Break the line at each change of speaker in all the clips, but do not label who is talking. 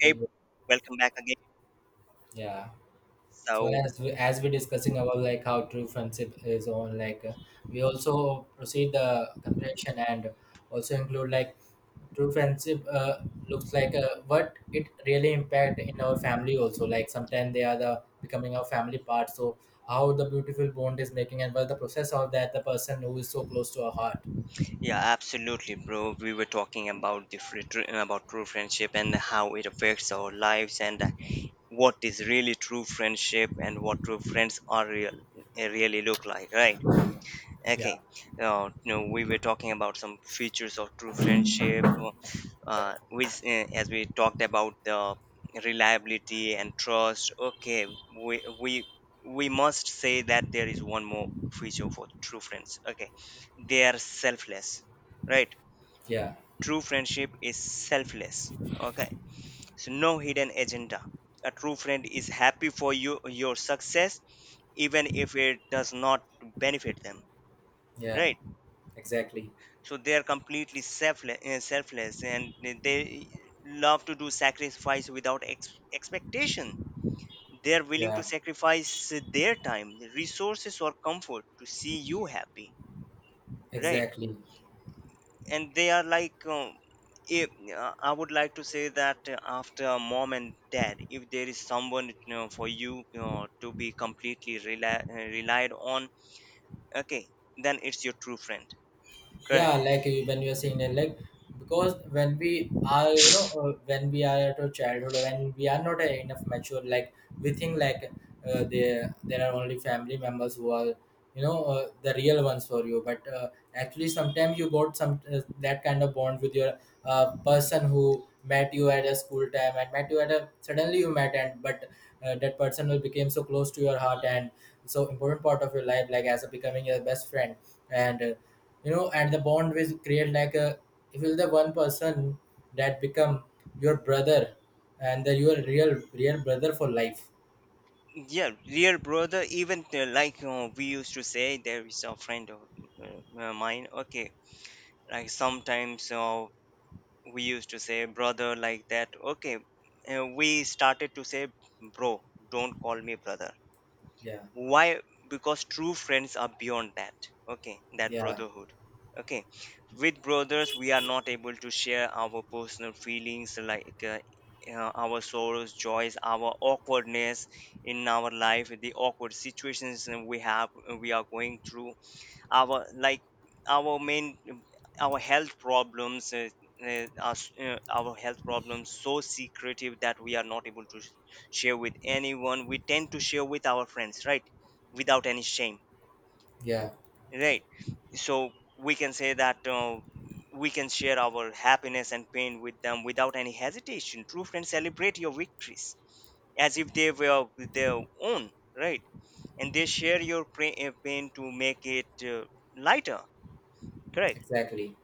Hey,
Hey,
bro.
welcome back again.
Yeah. So
So,
as we're discussing about like how true friendship is on, like we also proceed the comparison and also include like true friendship looks like what it really impact in our family also. Like sometimes they are the becoming our family part. So how the beautiful bond is making and what the process of that the person who is so close to our heart.
yeah, absolutely, bro. We were talking about about true friendship and how it affects our lives and what is really true friendship and what true friends really look like, right?
Yeah.
Okay, no, we were talking about some features of true friendship, uh, which, uh, as we talked about the reliability and trust. Okay, we we must say that there is one more feature for true friends. Okay, they are selfless, right?
Yeah.
True friendship is selfless. Okay, so no hidden agenda. A true friend is happy for you your success, even if it does not benefit them,
Yeah.
right?
Exactly.
So they are completely selfless, selfless, and they love to do sacrifice without expectation. They are willing to
Yeah.
sacrifice their time, resources, or comfort to see you happy, right?
Exactly.
And they are like, if, I would like to say that after mom and dad, if there is someone, you know, for you, you know, to be completely relied on, okay, then it's your true friend, correct.
Yeah, like you, when you're saying that, like, because when we are, when we are at our childhood, when we are not enough mature, like we think like there are only family members who are the real ones for you, but actually sometimes you got some that kind of bond with your person who met you at a school time and met you at a suddenly you met and but that person will become so close to your heart and so important part of your life, like as a becoming your best friend. And you know and the bond will create like a if you're the one person that become your brother and the your real brother for life.
Yeah, real brother. Even we used to say, there is a friend of mine. Okay, like sometimes we used to say brother like that. Okay, we started to say bro. Don't call me brother.
Yeah,
Why? Because true friends are beyond that, okay, that
yeah,
brotherhood. Okay, with brothers we are not able to share our personal feelings, like, our sorrows, joys, our awkwardness in our life, the awkward situations that we have, we are going through, our like, our main, our health problems, our health problems so secretive that we are not able to share with anyone. We tend to share with our friends, right, without any shame,
yeah,
right? So we can say that we can share our happiness and pain with them without any hesitation. True friends celebrate your victories as if they were their own, right? And they share your pain to make it lighter, correct.
exactly.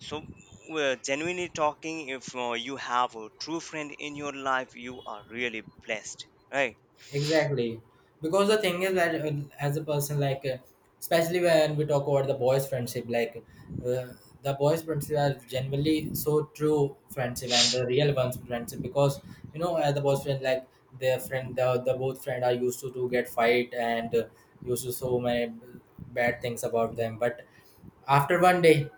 So, well, genuinely talking, if you have a true friend in your life, you are really blessed, right?
Exactly. Because the thing is that as a person, like, especially when we talk about the boys' friendship, like, uh, the boys' friendship are generally so true friendship and the real ones friendship because, you know, as the boys' friend, like, their friend, the both friend are used to, get fight and used to so many bad things about them. But after one day,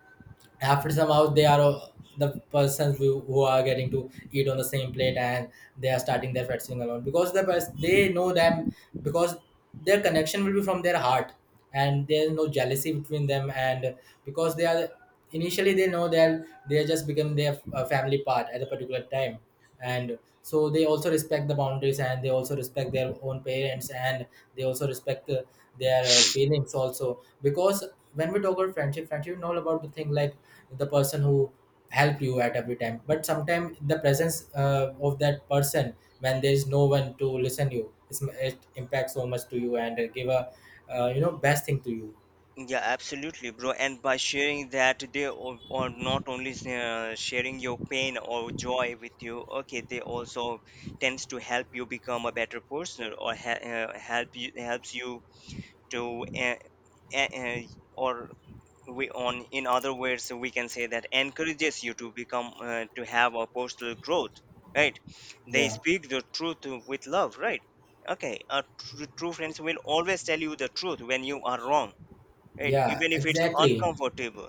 after some hours, they are the persons who are getting to eat on the same plate, and they are starting their fetching alone because they know them, because their connection will be from their heart, and there is no jealousy between them. And because they are, initially they know they are just become their family part at a particular time, and so they also respect the boundaries, and they also respect their own parents, and they also respect their feelings also, because when we talk about friendship, friendship is about the thing like the person who help you at every time, but sometimes the presence of that person, when there is no one to listen you, it's, it impacts so much to you, and give a you know best thing to you.
Yeah, absolutely, bro. And by sharing that, they are or not only sharing your pain or joy with you, okay, they also tends to help you become a better person, or helps you to uh, uh, or we, on in other words, we can say that encourages you to become to have a personal growth, right? They
Yeah,
speak the truth with love, right? Okay, a true friends will always tell you the truth when you are wrong, right,
yeah,
even if it's
exactly.
uncomfortable.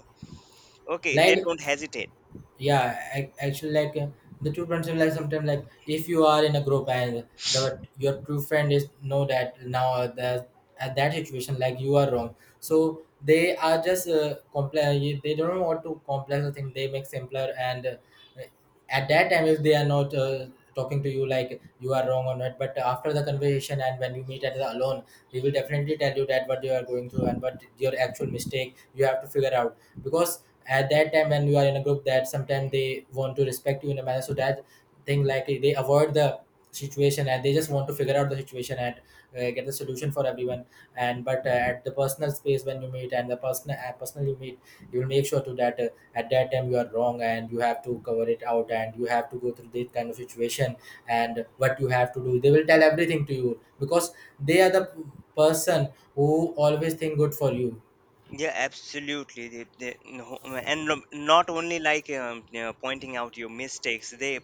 Okay, they
Like,
don't hesitate.
yeah, actually like the true friends are like sometimes like if you are in a group, and the your true friend is know that now the at that situation like you are wrong, so they are just complex, they don't want to complex the thing, they make simpler. And uh, at that time, if they are not talking to you like you are wrong or not, but after the conversation and when you meet at the alone, they will definitely tell you that what you are going through and what your actual mistake you have to figure out, because at that time when you are in a group, that sometimes they want to respect you in a manner, so that thing like they avoid the situation, and they just want to figure out the situation and get the solution for everyone. And but at the personal space when you meet, and the person personal you meet, you will make sure to that at that time you are wrong, and you have to cover it out, and you have to go through this kind of situation, and what you have to do, they will tell everything to you, because they are person who always think good for you.
Yeah, absolutely, they, no- and no- not only like, you know, pointing out your mistakes,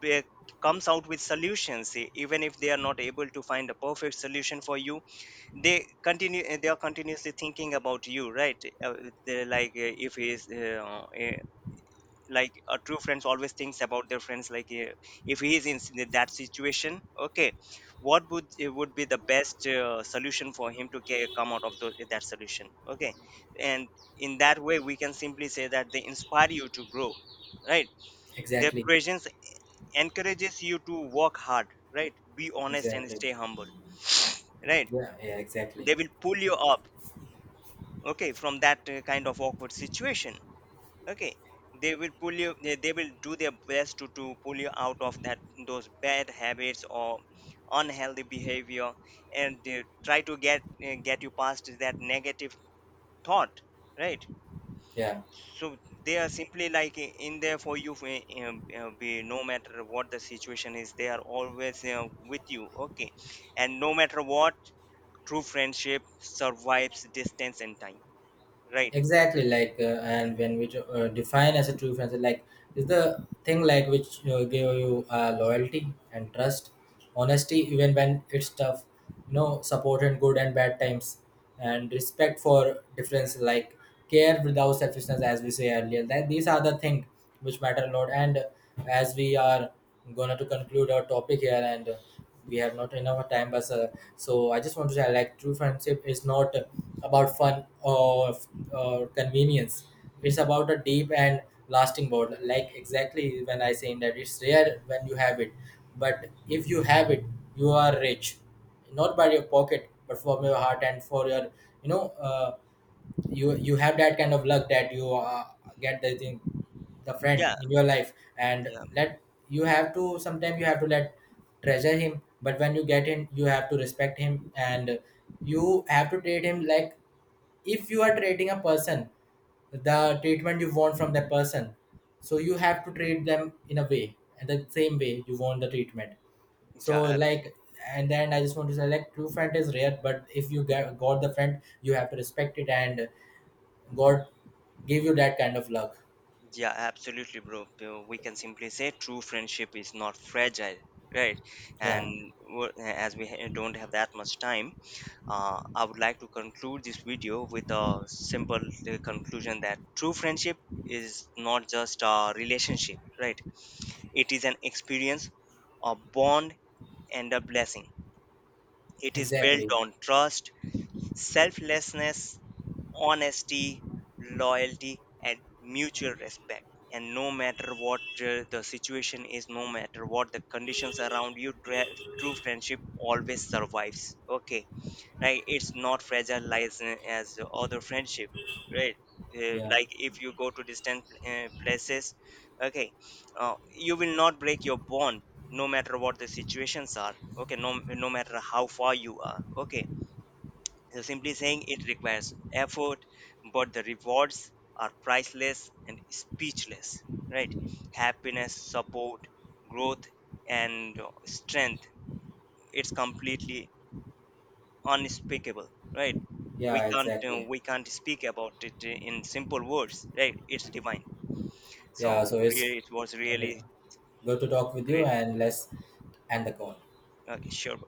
they comes out with solutions, even if they are not able to find a perfect solution for you, they continue. They are continuously thinking about you, right? uh, they're like, if he is like a true friends always thinks about their friends like, if he is in that situation, okay, what would be the best solution for him to come out of that solution, okay. And in that way we can simply say that they inspire you to grow, right? Their
Exactly.
presence encourages you to work hard, right, be honest and stay
Exactly.
humble, right?
Yeah, yeah, exactly.
They will pull you up, okay, from that kind of awkward situation. Okay, they will pull you, they will do their best to pull you out of that, those bad habits or unhealthy behavior, and they try to get you past that negative thought, right?
Yeah,
So they are simply like, in there for you for, be, no matter what the situation is, they are always with you, okay. And no matter what, true friendship survives distance and time, right?
exactly. Like and when we define as a true friendship, like is the thing like which give you loyalty and trust, honesty even when it's tough, you know, support in good and bad times, and respect for difference, like care without selfishness, as we say earlier that these are the things which matter a lot. And as we are gonna to conclude our topic here, and we have not enough time, but so I just want to say like true friendship is not about fun or convenience, it's about a deep and lasting bond, like exactly when I saying that it's rare when you have it, but if you have it, you are rich, not by your pocket but from your heart, and for your, you know you have that kind of luck that you get the thing, the friend
Yeah,
in your life, and
yeah.
let you have to sometimes you have to let treasure him. But when you get him, you have to respect him, and you have to treat him like if you are treating a person, the treatment you want from that person, so you have to treat them in a way and the same way you want the treatment. So,
Yeah,
like, and then I just want to say like true friend is rare, but if you got the friend, you have to respect it, and God gave
mm,
you that kind of luck.
yeah, absolutely, bro. We can simply say true friendship is not fragile, right?
Yeah,
And, don't have that much time, I would like to conclude this video with a simple conclusion that true friendship is not just a relationship, right? It is an experience, a bond, and a blessing. It is built
exactly.
on trust, selflessness, honesty, loyalty, and mutual respect. And no matter what the situation is, no matter what the conditions around you, true friendship always survives. Okay, like it's not fragile as other friendship, right?
Yeah,
Like if you go to distant places, okay, you will not break your bond no matter what the situations are. Okay, no matter how far you are. Okay, so simply saying, it requires effort, but the rewards are priceless and speechless, right? Happiness, support, growth, and strength. It's completely unspeakable, right?
yeah, exactly.
We can't speak about it in simple words, right? It's divine.
Yeah,
So
so it's
really, it was
re-
really
good to talk with you,
great.
and let's end the call.
Okay, sure.